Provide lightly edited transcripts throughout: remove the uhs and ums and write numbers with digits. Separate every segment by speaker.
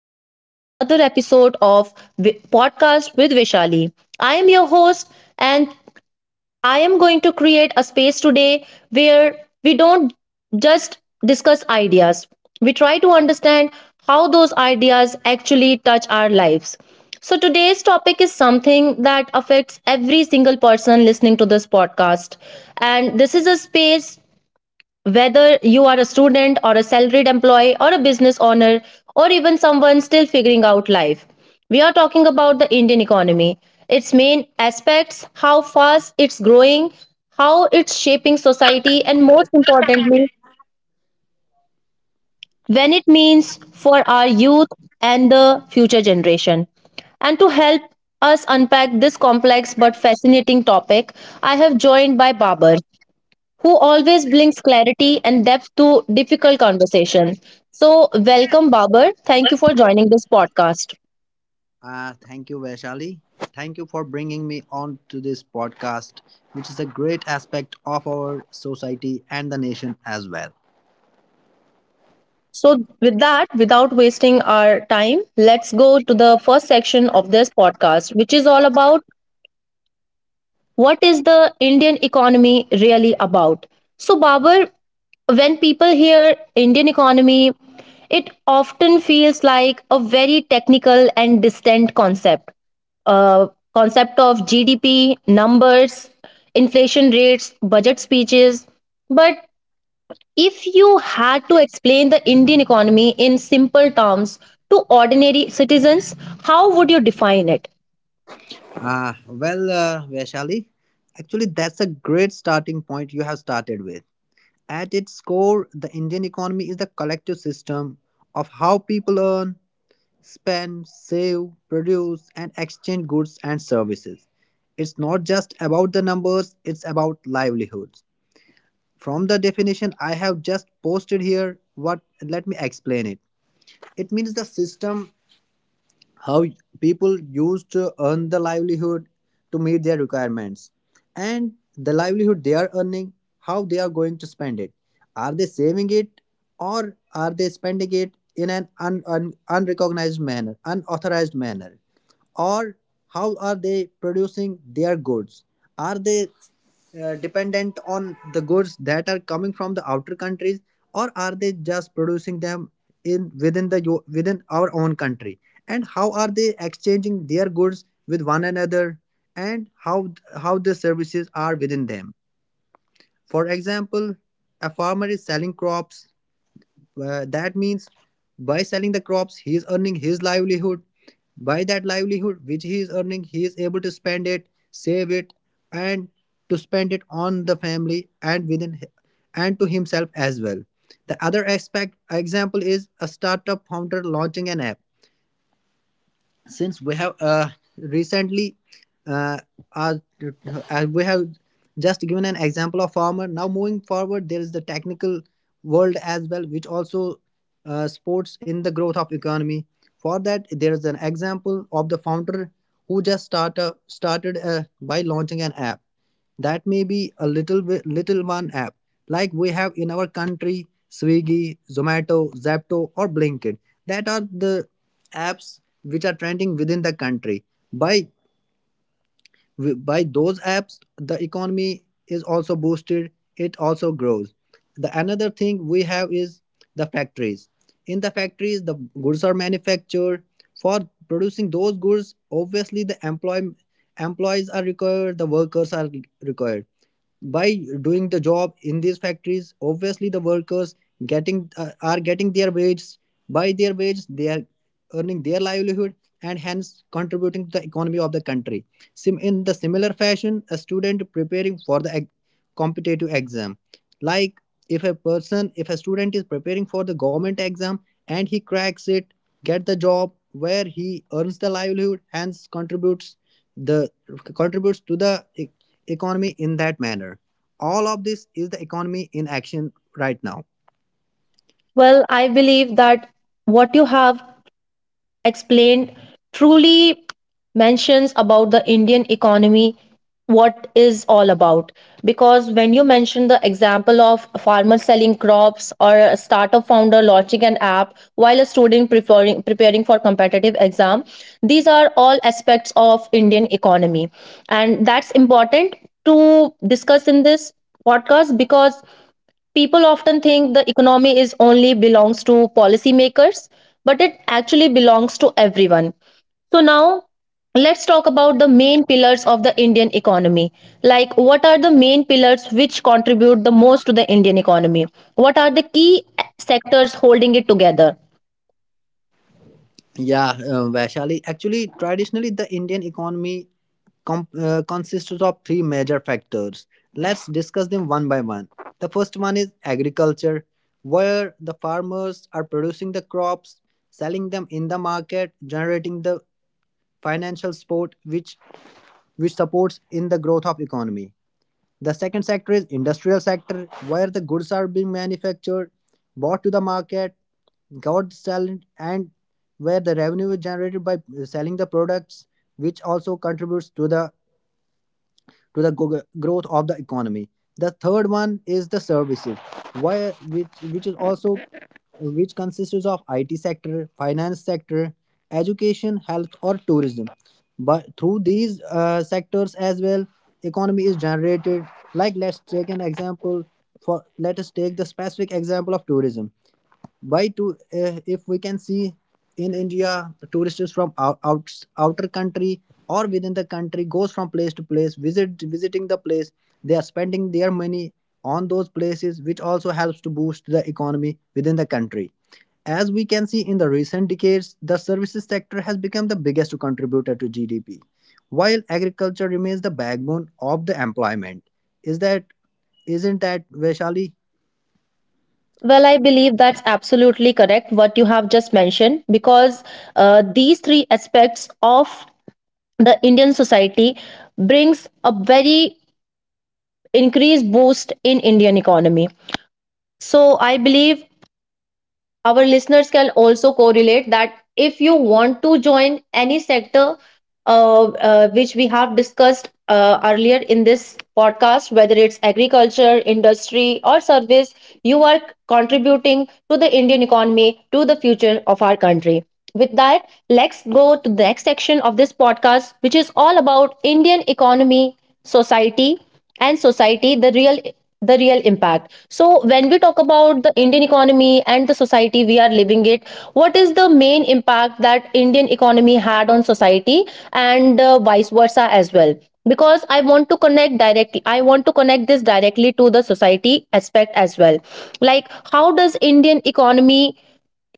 Speaker 1: Welcome back to another episode of Podcast with Vishali. I am your host, and I am going to create a space today where we don't just discuss ideas, we try to understand how those ideas actually touch our lives. So, today's topic is something that affects every single person listening to this podcast. And this is a space whether you are a student or a salaried employee or a business owner or even someone still figuring out life, we are talking about the Indian economy, its main aspects, how fast it's growing, how it's shaping society, and most importantly, when it means for our youth and the future generation. And to help us unpack this complex but fascinating topic, I have joined by Babar, who always brings clarity and depth to difficult conversation. So, welcome, Babar. Thank you for joining this podcast.
Speaker 2: Thank you, Vaishali. Thank you for bringing me on to this podcast, which is a great aspect of our society and the nation as well.
Speaker 1: So, with that, without wasting our time, let's go to the first section of this podcast, which is all about what is the Indian economy really about? So, Babar, when people hear Indian economy, it often feels like a very technical and distant concept. Uh, Concept of GDP, numbers, inflation rates, budget speeches. But if you had to explain the Indian economy in simple terms to ordinary citizens, how would you define it?
Speaker 2: Well, Vaishali, actually, that's a great starting point you have started with. At its core, the Indian economy is the collective system of how people earn, spend, save, produce, and exchange goods and services. It's not just about the numbers, it's about livelihoods. From the definition I have just posted here, what let me explain it. It means the system how people used to earn the livelihood to meet their requirements, and the livelihood they are earning, how they are going to spend it. Are they saving it, or are they spending it in an unrecognized manner, unauthorized manner? Or how are they producing their goods? Are they dependent on the goods that are coming from the outer countries, or are they just producing them in within the within our own country, and how are they exchanging their goods with one another, and how the services are within them? For example, a farmer is selling crops. That means by selling the crops, he is earning his livelihood. By that livelihood, which he is earning, he is able to spend it, save it, and to spend it on the family, and to himself as well. The other aspect example is a startup founder launching an app. Since we have recently, uh, our, we have just given an example of farmer. Now moving forward, there is the technical world as well, which also supports in the growth of economy. For that, there is an example of the founder who started by launching an app. That may be a little bit, little one app like we have in our country: Swiggy, Zomato, Zapto, or Blinkit. That are the apps which are trending within the country. by by those apps the economy is also boosted, it also grows. The another thing we have is the factories. In the factories, the goods are manufactured. For producing those goods, obviously the employees are required, the workers are required. By doing the job in these factories, obviously the workers getting are getting their wages. By their wages, they are earning their livelihood, and hence contributing to the economy of the country. In the similar fashion, a student preparing for the competitive exam, like if a student is preparing for the government exam and he cracks it, get the job where he earns the livelihood, hence the contributes to the economy in that manner. All of this is the economy in action right now.
Speaker 1: Well, I believe that what you have explained truly mentions about the Indian economy what is all about because when you mention the example of a farmer selling crops or a startup founder launching an app while a student preparing for competitive exam, these are all aspects of Indian economy, and that's important to discuss in this podcast because people often think the economy is only belongs to policymakers but it actually belongs to everyone. So now let's talk about the main pillars of the Indian economy, like what are the main pillars which contribute the most to the Indian economy, what are the key sectors holding it together?
Speaker 2: Yeah, Vaishali. Actually, traditionally, the Indian economy consists of three major factors. Let's discuss them one by one. The first one is agriculture, where the farmers are producing the crops, selling them in the market, generating the financial support which supports in the growth of economy. The second sector is industrial sector, where the goods are being manufactured, bought to the market, got sold, and where the revenue is generated by selling the products, which also contributes to the growth of the economy. The third one is the services, where, which is also which consists of IT sector, finance sector, education, health, or tourism. But through these sectors as well, economy is generated. Like let's take an example Let us take the specific example of tourism. Why to If we can see in India, tourists from outer country or within the country goes from place to place visiting the place, they are spending their money on those places, which also helps to boost the economy within the country. As we can see in the recent decades, the services sector has become the biggest contributor to GDP, while agriculture remains the backbone of the employment. Is that Isn't that, Vaishali?
Speaker 1: Well, I believe that's absolutely correct what you have just mentioned because these three aspects of the Indian society brings a very increase boost in Indian economy. So I believe our listeners can also correlate that if you want to join any sector which we have discussed earlier in this podcast, whether it's agriculture, industry, or service, you are contributing to the Indian economy, to the future of our country. With that, let's go to the next section of this podcast, which is all about Indian economy, society, and society, the real impact. So when we talk about the Indian economy and the society we are living it, what is the main impact that Indian economy had on society, and vice versa as well? Because I want to connect directly, I want to connect this directly to the society aspect as well. Like how does indian economy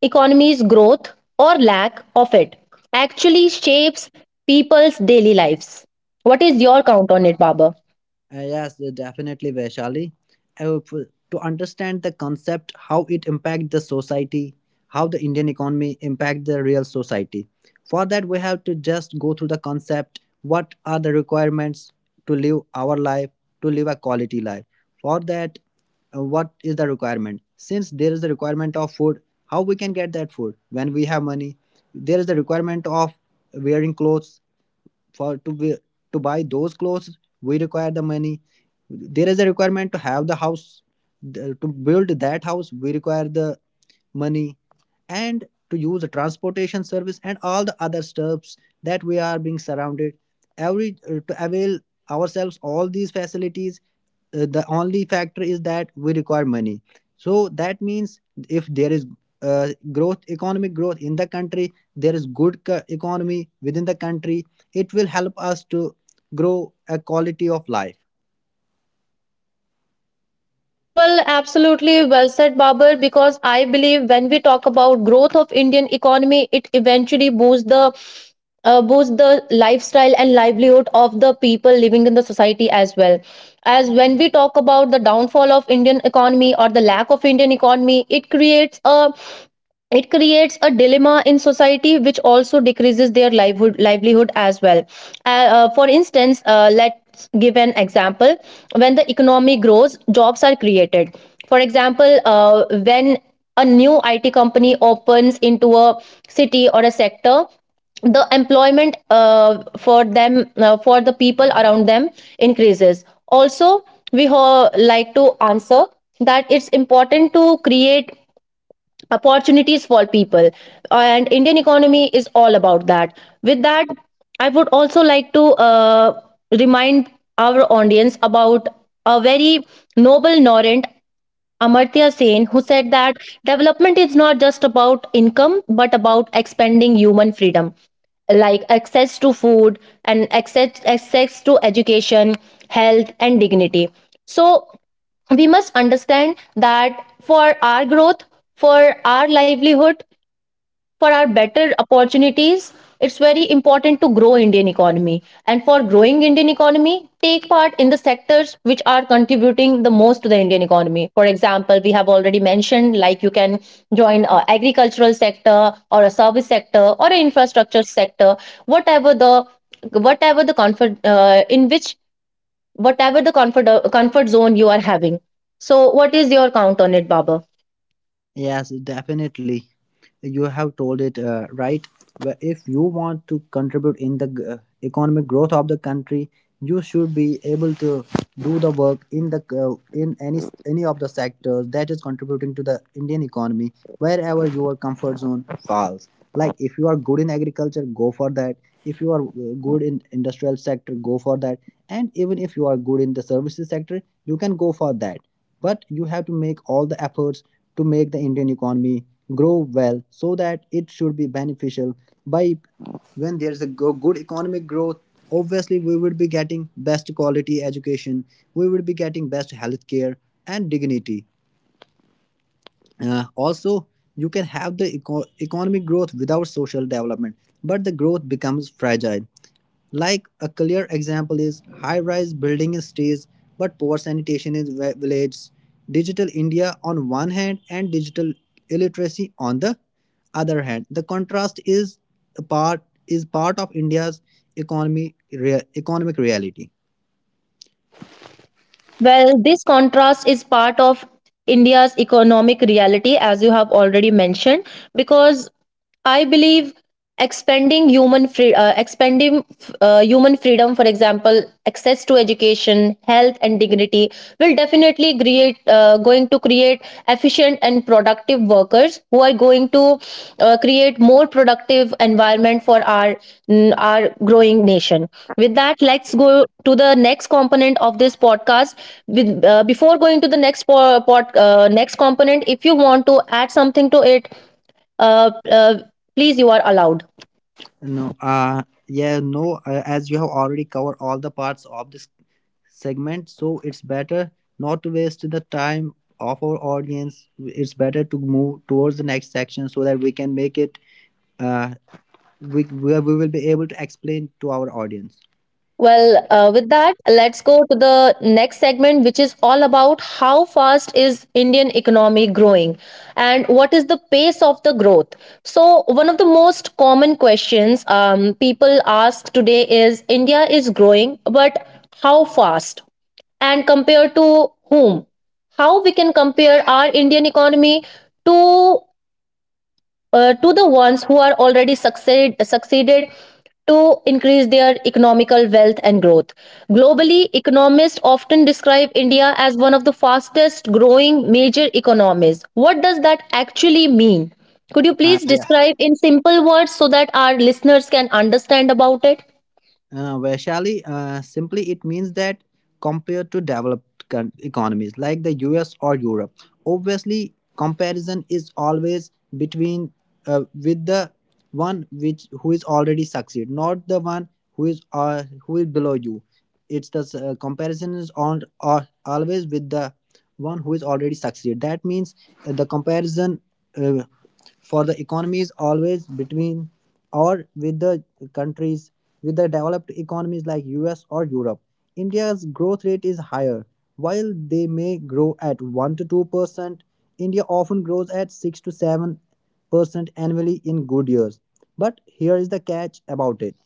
Speaker 1: economy's growth or lack of it actually shapes people's daily lives? What is your count on it, Baba?
Speaker 2: Yes, definitely, Vaishali. To understand the concept, how it impact the society, how the Indian economy impact the real society. For that, we have to just go through the concept. What are the requirements to live our life, to live a quality life? For that, what is the requirement? Since there is a requirement of food, how we can get that food when we have money? There is the requirement of wearing clothes. for to wi- to buy those clothes we require the money. There is a requirement to have the house. To build that house we require the money. And to use the transportation service and all the other stuffs that we are being surrounded, every to avail ourselves all these facilities, the only factor is that we require money. So that means, if there is growth economic growth in the country, there is good economy within the country, it will help us to grow a quality of life.
Speaker 1: Well, absolutely well said, Babar, because I believe when we talk about growth of Indian economy, it eventually boosts the boost the lifestyle and livelihood of the people living in the society, as well as when we talk about the downfall of Indian economy or the lack of Indian economy, it creates a dilemma in society which also decreases their livelihood as well. For instance, let's give an example. When the economy grows, jobs are created. For example, when a new IT company opens into a city or a sector, the employment for them, for the people around them, increases. Also, we like to answer that it's important to create opportunities for people, and Indian economy is all about that. With that, I would also like to remind our audience about a very noble norant Amartya Sen, who said that development is not just about income but about expanding human freedom, like access to food and access to education, health, and dignity. So, we must understand that for our growth, for our livelihood, for our better opportunities, it's very important to grow Indian economy. And for growing Indian economy, take part in the sectors which are contributing the most to the Indian economy. For example, we have already mentioned, like you can join a agricultural sector or a service sector or an infrastructure sector, whatever the whatever the comfort in which whatever the comfort zone you are having. So what is your count on it, Baba?
Speaker 2: Yes, definitely. You have told it right. If you want to contribute in the economic growth of the country, you should be able to do the work in any of the sectors that is contributing to the Indian economy, wherever your comfort zone falls. Like if you are good in agriculture, go for that. If you are good in industrial sector, go for that. And even if you are good in the services sector, you can go for that. But you have to make all the efforts to make the Indian economy grow well, so that it should be beneficial. By When there's a good economic growth, obviously we would be getting best quality education, we would be getting best health care and dignity. Also, you can have the economic growth without social development, but the growth becomes fragile. Like a clear example is high-rise building in cities but poor sanitation in villages. Digital India on one hand and digital illiteracy on the other hand. The contrast is a part is part of India's economic reality.
Speaker 1: Well, this contrast is part of India's economic reality, as you have already mentioned, because I believe expanding human freedom, for example, access to education, health, and dignity, will definitely create going to create efficient and productive workers who are going to create more productive environment for our our growing nation. With that, let's go to the next component of this podcast. With before going to the next component, if you want to add something to it, uh, uh, please you are allowed.
Speaker 2: No, yeah, no, as you have already covered all the parts of this segment, so it's better not to waste the time of our audience. It's better to move towards the next section so that we can make it, uh, where we will be able to explain to our audience.
Speaker 1: Well, with that, let's go to the next segment, which is all about how fast is Indian economy growing and what is the pace of the growth. So one of the most common questions people ask today is India is growing, but how fast, and compare to whom? How we can compare our Indian economy to to the ones who are already succeeded to increase their economical wealth and growth. Globally, economists often describe India as one of the fastest growing major economies. What does that actually mean? Could you please
Speaker 2: Yeah.
Speaker 1: describe in simple words so that our listeners can understand about it?
Speaker 2: Vaishali, simply it means that compared to developed economies like the US or Europe. Obviously comparison is always between with the one which who is already succeed, not the one who is below you. It's the comparison is on or always with the one who is already succeed. That means the comparison. Uh, for the economy is always between or with the countries with the developed economies like US or Europe. India's growth rate is higher. While they may grow at 1 to 2%, India often grows at 6 to 7% annually in good years. But here is the catch about it.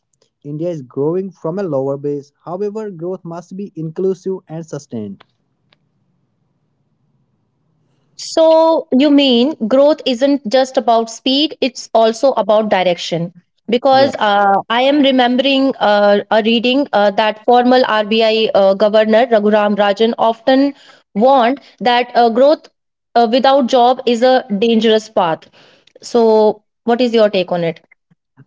Speaker 2: India is growing from a lower base. However, growth must be inclusive and sustained.
Speaker 1: So, you mean growth isn't just about speed, it's also about direction. Because
Speaker 2: Yes.
Speaker 1: I am remembering a reading that former RBI governor Raghuram Rajan often warned that growth without job is a dangerous path. So, what is your take on it?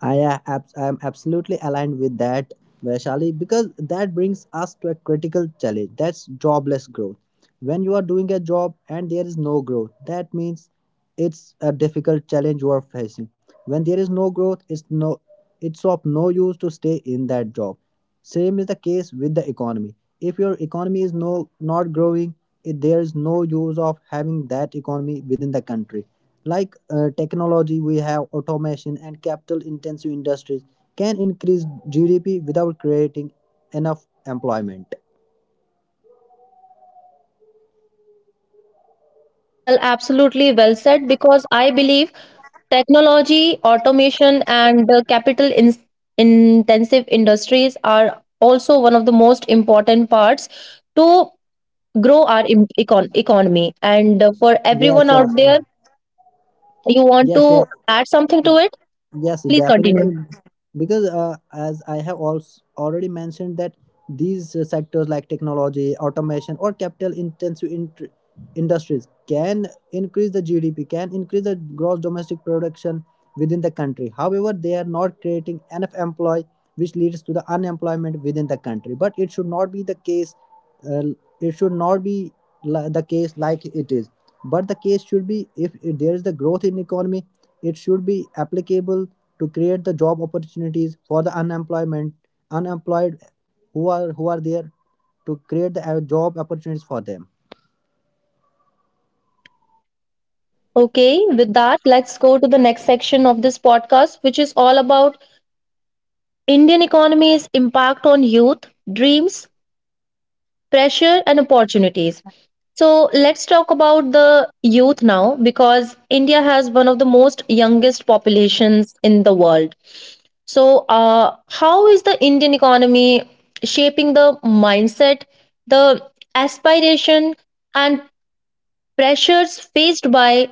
Speaker 2: I'm absolutely aligned with that, Vaishali, because that brings us to a critical challenge. That's jobless growth. When you are doing a job and there is no growth, that means it's a difficult challenge you are facing. When there is no growth, it's of no use to stay in that job. Same is the case with the economy. If your economy is not growing, there is no use of having that economy within the country. Like technology we have, automation and capital intensive industries can increase GDP without creating enough employment.
Speaker 1: Well, absolutely well said because I believe technology, automation, and intensive industries are also one of the most important parts to grow our economy. And for everyone
Speaker 2: yes
Speaker 1: out
Speaker 2: uh, uh,
Speaker 1: there, you want
Speaker 2: yes
Speaker 1: to
Speaker 2: uh,
Speaker 1: add something to it?
Speaker 2: yes,
Speaker 1: Please continue.
Speaker 2: definitely, because as I have also already mentioned, that these sectors like technology, automation, or capital intensive industries can increase the GDP, can increase the gross domestic production within the country. However, they are not creating enough employ, which leads to the unemployment within the country. But it should not be the case. Uh, it should not be the case like it is. But the case should be, if there is the growth in economy, it should be applicable to create the job opportunities for the unemployment unemployed who are there to create the job opportunities for them.
Speaker 1: Okay, with that, let's go to the next section of this podcast, which is all about Indian economy's impact on youth, dreams, pressure and opportunities. So let's talk about the youth now because India has one of the most youngest populations in the world. So, how is the Indian economy shaping the mindset, the aspiration, and pressures faced by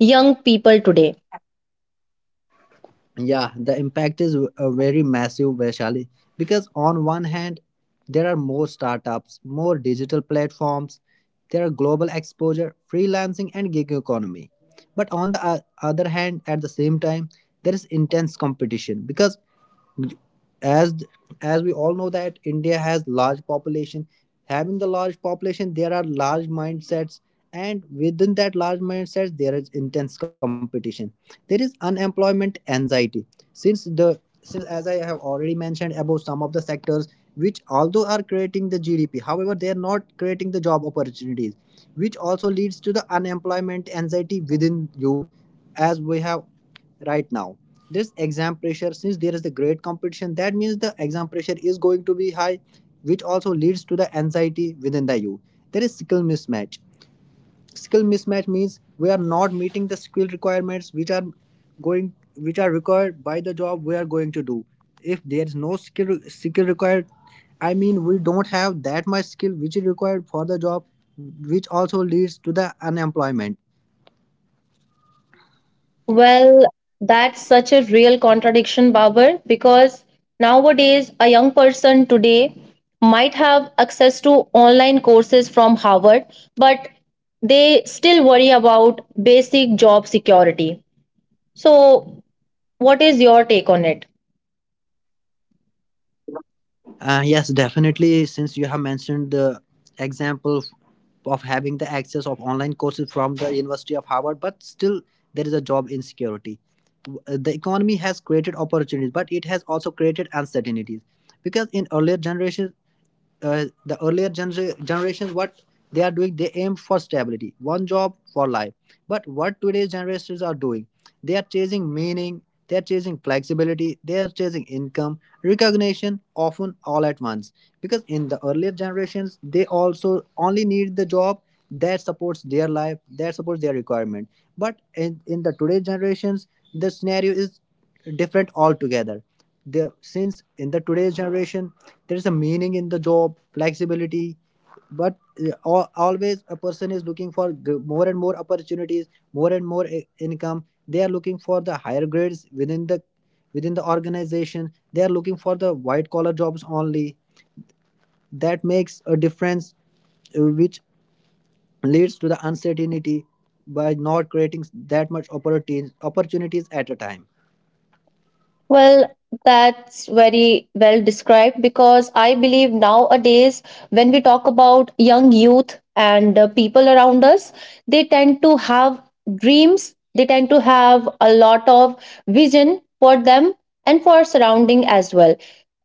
Speaker 1: young people today?
Speaker 2: Yeah, the impact is very massive, Vaishali, because on one hand, there are more startups, more digital platforms, there are global exposure, freelancing, and gig economy. But on the other hand, at the same time, there is intense competition because as as we all know that India has large population. Having the large population, there are large mindsets, and within that large mindsets there is intense competition. There is unemployment anxiety, since the since as I have already mentioned about some of the sectors which although are creating the GDP, however they are not creating the job opportunities, which also leads to the unemployment anxiety within youth. As we have right now, this exam pressure, since there is the great competition, that means the exam pressure is going to be high, which also leads to the anxiety within the you. There is skill mismatch. Skill mismatch means we are not meeting the skill requirements which are going which are required by the job we are going to do. If there is no skill required, I mean we don't have that much skill which is required for the job, which also leads to the unemployment.
Speaker 1: Well, that's such a real contradiction, Babar, because nowadays a young person today might have access to online courses from Harvard, but they still worry about basic job security. So, what is your take on it?
Speaker 2: Yes, definitely. Since you have mentioned the example of having the access of online courses from the University of Harvard, but still there is a job insecurity. The economy has created opportunities, but it has also created uncertainties. Because in earlier generations, the earlier generations, what they are doing, they aim for stability, one job for life. But what today's generations are doing, they are chasing meaning, they are chasing flexibility, they are chasing income, recognition, often all at once. Because in the earlier generations, they also only need the job that supports their life, that supports their requirement. But in the today generations, the scenario is different altogether. Since in the today's generation, there is a meaning in the job flexibility. But always a person is looking for more and more opportunities, more and more income. They are looking for the higher grades within the organization. They are looking for the white collar jobs only. That makes a difference, which leads to the uncertainty by not creating that much opportunities at a time.
Speaker 1: Well, that's very well described because I believe nowadays, when we talk about young youth and people around us, they tend to have dreams, they tend to have a lot of vision for them and for surrounding as well.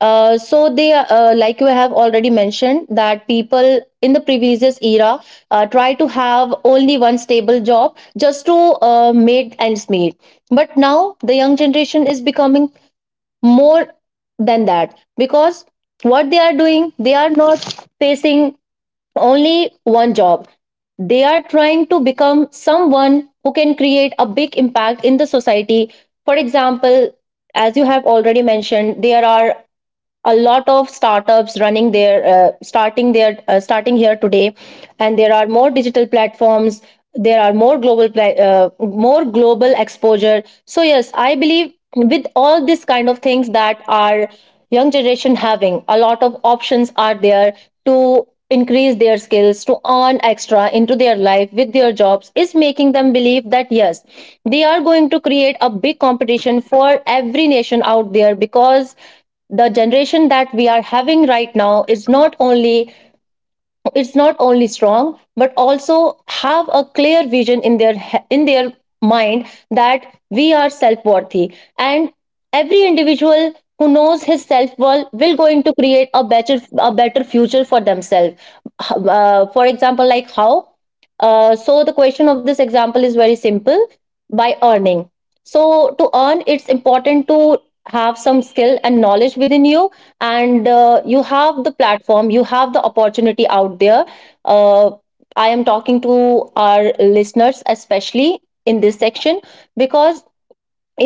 Speaker 1: So they like we have already mentioned that people in the previous era try to have only one stable job just to make ends meet, but now the young generation is becoming more than that because what they are doing, they are not facing only one job, they are trying to become someone who can create a big impact in the society. For example, as you have already mentioned, there are a lot of startups running their starting their starting here today, and there are more digital platforms, there are more more global exposure. So yes, I believe with all these kind of things that our young generation having a lot of options are there to increase their skills to earn extra into their life with their jobs is making them believe that yes, they are going to create a big competition for every nation out there, because the generation that we are having right now is not only strong but also have a clear vision in their mind that we are self-worthy, and every individual who knows his self-worth will going to create a better future for themselves. For example, like how so the question of this example is very simple. By earning, so to earn, it's important to have some skill and knowledge within you, and you have the platform, you have the opportunity out there. uh, I am talking to our listeners especially in this section because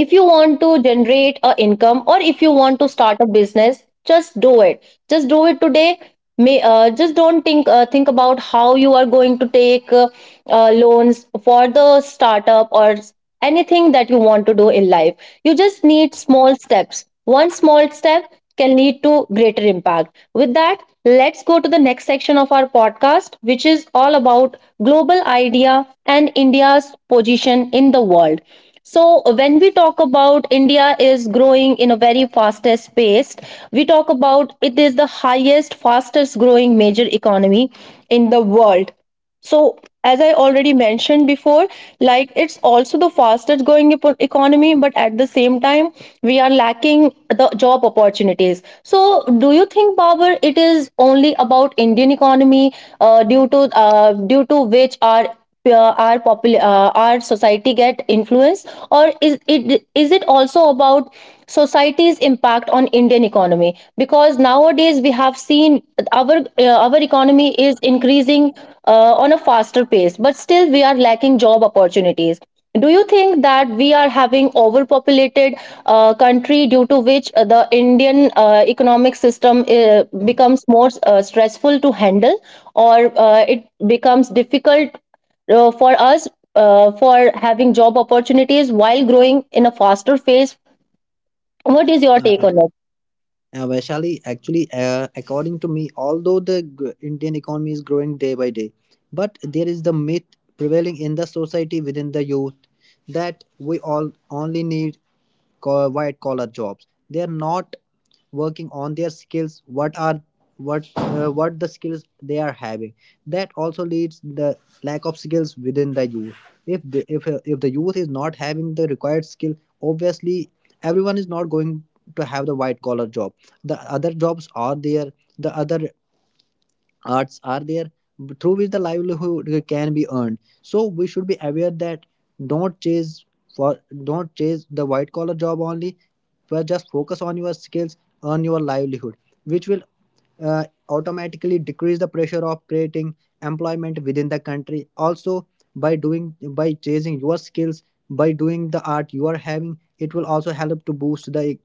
Speaker 1: if you want to generate a income or if you want to start a business, just do it, just do it today. May just don't think about how you are going to take loans for the startup or anything that you want to do in life. You just need small steps. One small step can lead to greater impact. With that, let's go to the next section of our podcast, which is all about global idea and India's position in the world. So when we talk about India is growing in a very fastest pace, we talk about it is the highest, fastest growing major economy in the world, so, as I already mentioned before, like it's also the fastest growing economy, but at the same time, we are lacking the job opportunities. So, do you think, Babar, it is only about Indian economy due to which our p- our popul- our society get influenced or is it also about society's impact on Indian economy? Because nowadays we have seen our economy is increasing on a faster pace, but still we are lacking job opportunities. Do you think that we are having overpopulated country due to which the Indian economic system becomes more stressful to handle, or it becomes difficult for us for having job opportunities while growing in a faster phase? What is your
Speaker 2: Uh,
Speaker 1: take on?
Speaker 2: Vaishali, actually, according to me, although the Indian economy is growing day by day, but there is the myth prevailing in the society within the youth that we all only need white collar jobs. They are not working on their skills. What the skills they are having? That also leads the lack of skills within the youth. If the youth is not having the required skill, obviously everyone is not going to have the white collar job. The other jobs are there, the other arts are there, through which the livelihood can be earned. So we should be aware that don't chase for don't chase the white collar job only, but just focus on your skills, earn your livelihood, which will automatically decrease the pressure of creating employment within the country also. By doing, by chasing your skills, by doing the art you are having, it will also help to boost the e-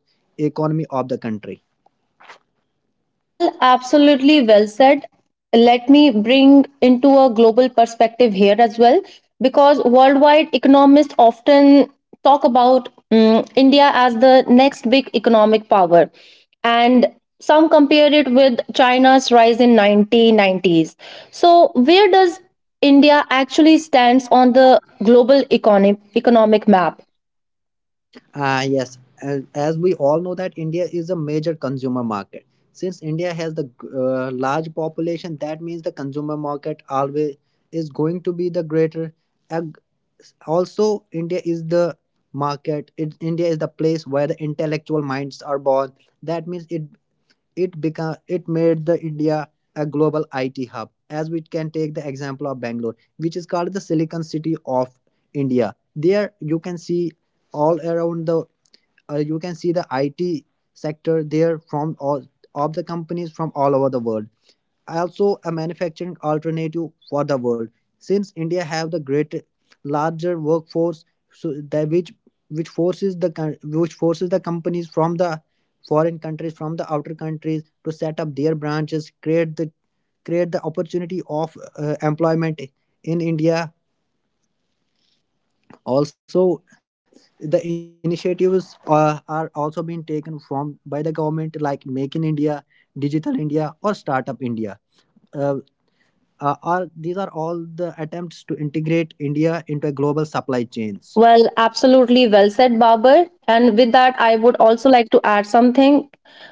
Speaker 2: economy of the country.
Speaker 1: Well, absolutely well said. Let me bring into a global perspective here as well, because worldwide economists often talk about, India as the next big economic power, and some compare it with China's rise in 1990s. So, where does India actually stands on the global economic map?
Speaker 2: Ah yes, as we all know that India is a major consumer market. Since India has the large population, that means the consumer market always is going to be the greater. And also, India is the market. India is the place where the intellectual minds are born. That means it made the India a global IT hub. As we can take the example of Bangalore, which is called the Silicon City of India. There you can see all around the you can see the IT sector there from all of the companies from all over the world. Also, a manufacturing alternative for the world. Since India have the great larger workforce, so that which forces the coun- which forces the companies from the foreign countries, from the outer countries, to set up their branches, create the opportunity of employment in India. Also, the initiatives are also being taken from by the government, like Make in India, Digital India, or Startup India. Uh, are These are all the attempts to integrate India into a global supply chains.
Speaker 1: Well, absolutely well said, Babar. And with that, I would also like to add something.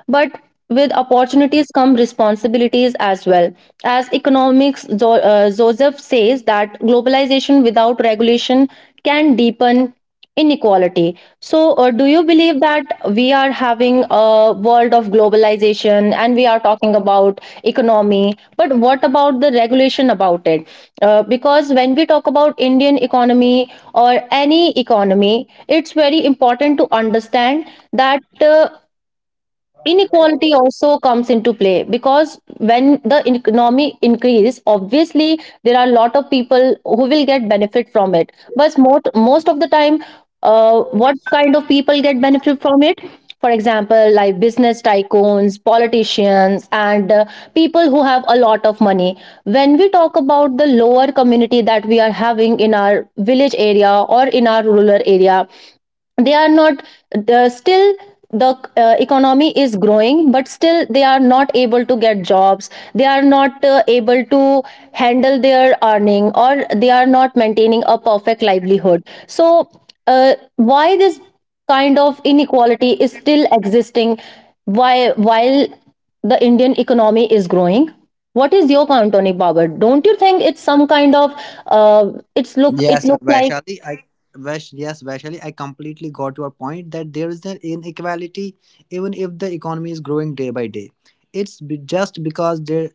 Speaker 1: But with opportunities come responsibilities as well. As economics, Joseph says that globalization without regulation can deepen inequality. So, do you believe that we are having a world of globalization and we are talking about economy, but what about the regulation about it? Because when we talk about Indian economy or any economy, it's very important to understand that inequality also comes into play. Because when the economy increase, obviously there are a lot of people who will get benefit from it, but most of the time, what kind of people get benefit from it? For example, like business tycoons, politicians, and people who have a lot of money. When we talk about the lower community that we are having in our village area or in our rural area, they are not the still the economy is growing, but still they are not able to get jobs. They are not able to handle their earning, or they are not maintaining a perfect livelihood. So why this kind of inequality is still existing? Why While the Indian economy is growing, what is your count on it, Babar? Don't you think it's some kind of uh, it's
Speaker 2: Yes, uh,
Speaker 1: look like.
Speaker 2: Vaishali, I Vaish, yes, Vaishali, I completely got your point that there is an inequality even if the economy is growing day by day. It's just because there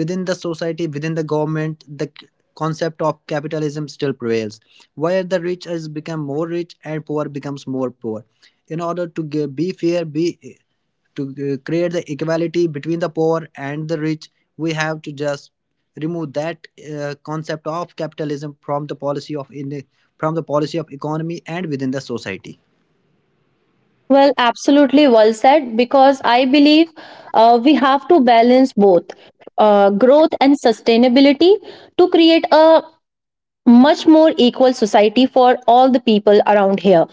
Speaker 2: within the society, within the government, the concept of capitalism still prevails, where the rich has become more rich and poor becomes more poor. In order to g- be fair, be to create the equality between the poor and the rich, we have to just remove that concept of capitalism from the policy of in from the policy of economy and within the society.
Speaker 1: Well, absolutely well said, because I believe we have to balance both growth and sustainability to create a much more equal society for all the people around here.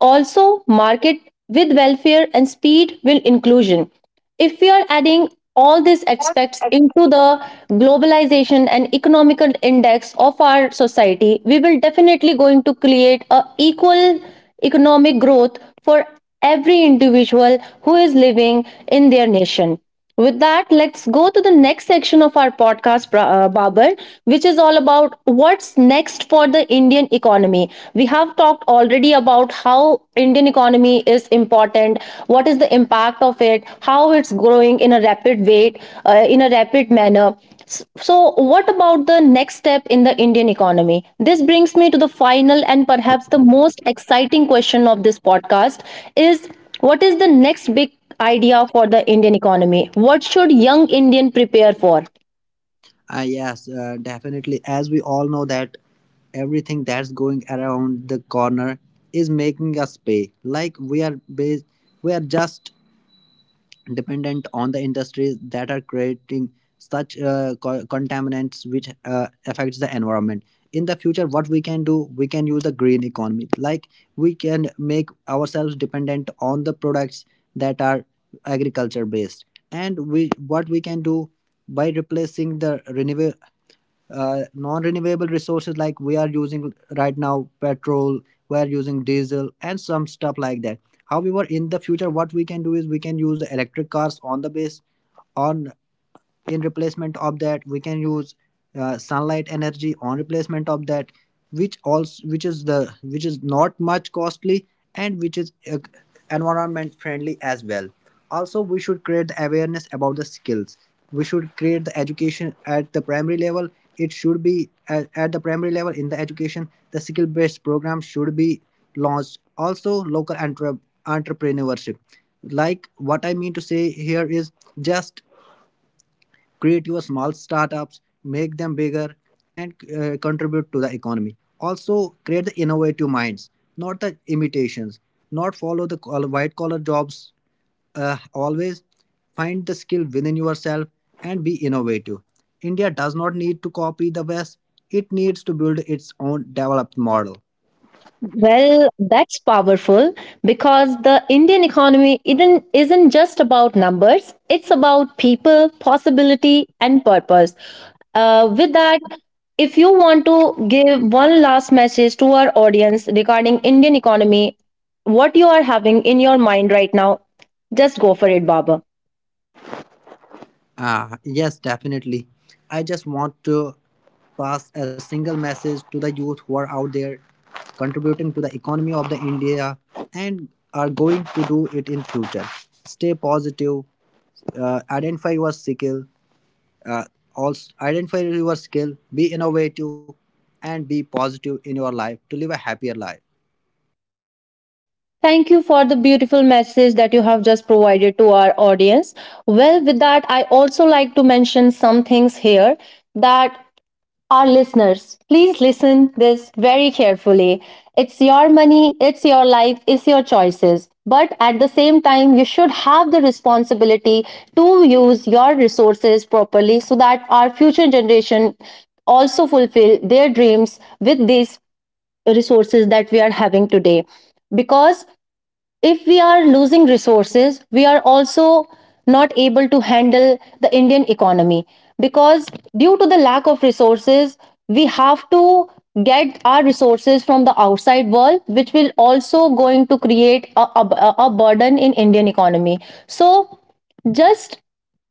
Speaker 1: Also, market with welfare and speed will inclusion. If we are adding all these aspects into the globalization and economical index of our society, we will definitely going to create a equal economic growth for every individual who is living in their nation. With that, let's go to the next section of our podcast, babar, which is all about what's next for the Indian economy. We have talked all already about how Indian economy is important, what is the impact of it, how it's growing in a rapid way, in a rapid manner. So, what about the next step in the Indian economy? This brings me to the final and perhaps the most exciting question of this podcast, is, what is the next big idea for the Indian economy? What should young Indian prepare for?
Speaker 2: Ah, yes, definitely. As we all know that everything that's going around the corner is making us pay. We are just dependent on the industries that are creating such contaminants which affects the environment. In the future, what we can do, we can use the green economy. Like we can make ourselves dependent on the products that are agriculture based, and we what we can do by replacing the renewable non-renewable resources. Like we are using right now petrol, we are using diesel and some stuff like that. However, in the future, what we can do is we can use the electric cars on the base on in replacement of that, we can use sunlight energy on replacement of that, which also which is the which is not much costly and which is environment friendly as well. Also, we should create the awareness about the skills. We should create the education at the primary level. It should be at the primary level in the education. The skill based program should be launched. Also local entrepreneurship, like what I mean to say here is just create your small startups, make them bigger, and contribute to the economy. Also create the innovative minds, not the imitations. Not follow the white collar jobs always. Find the skill within yourself and be innovative. India does not need to copy the West. It needs to build its own developed model.
Speaker 1: Well, that's powerful because the Indian economy isn't just about numbers, it's about people, possibility, and purpose. With that, if you want to give one last message to our audience regarding Indian economy, what you are having in your mind right now, just go for it, Baba.
Speaker 2: Ah, yes, definitely. I just want to pass a single message to the youth who are out there contributing to the economy of the India and are going to do it in future. Stay positive, identify your skill, uh, be innovative and be positive in your life to live a happier life.
Speaker 1: Thank you for the beautiful message that you have just provided to our audience. Well, with that, I also like to mention some things here, that, our listeners, please listen this very carefully. It's your money, it's your life, it's your choices. But at the same time, you should have the responsibility to use your resources properly so that our future generation also fulfill their dreams with these resources that we are having today. Because if we are losing resources, we are also not able to handle the Indian economy, because due to the lack of resources, we have to get our resources from the outside world, which will also going to create a burden in Indian economy. So just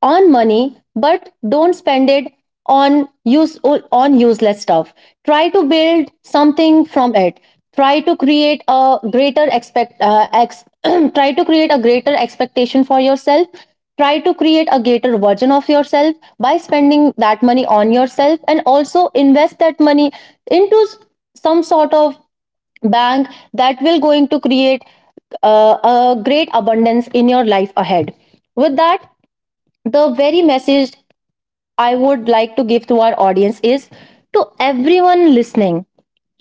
Speaker 1: on money, but don't spend it on useless stuff. Try to build something from it. Try to create a greater try to create a greater expectation for yourself. Try to create a greater version of yourself by spending that money on yourself, and also invest that money into some sort of bank that will going to create a great abundance in your life ahead. With that, the very message I would like to give to our audience is, to everyone listening,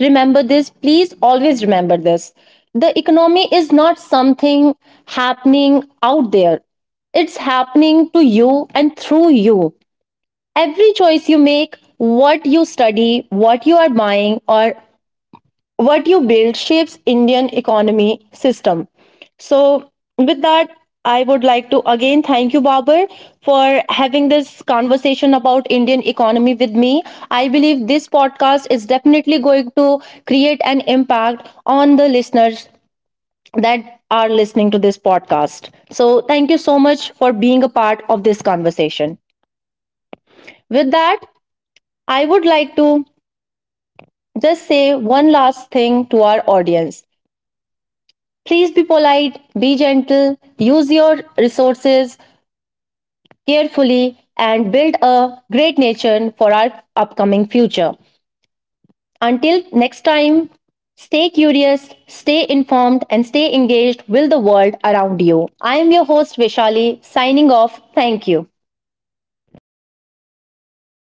Speaker 1: remember this, please always remember this: the economy is not something happening out there, it's happening to you and through you. Every choice you make, what you study, what you are buying, or what you build shapes Indian economy system. So, with that, I would like to again thank you, Babar, for having this conversation about Indian economy with me. I believe this podcast is definitely going to create an impact on the listeners that are listening to this podcast. So thank you so much for being a part of this conversation. With that, I would like to just say one last thing to our audience. Please be polite, be gentle, use your resources carefully, and build a great nation for our upcoming future. Until next time, stay curious, stay informed, and stay engaged with the world around you. I am your host, Vishali, signing off. Thank you.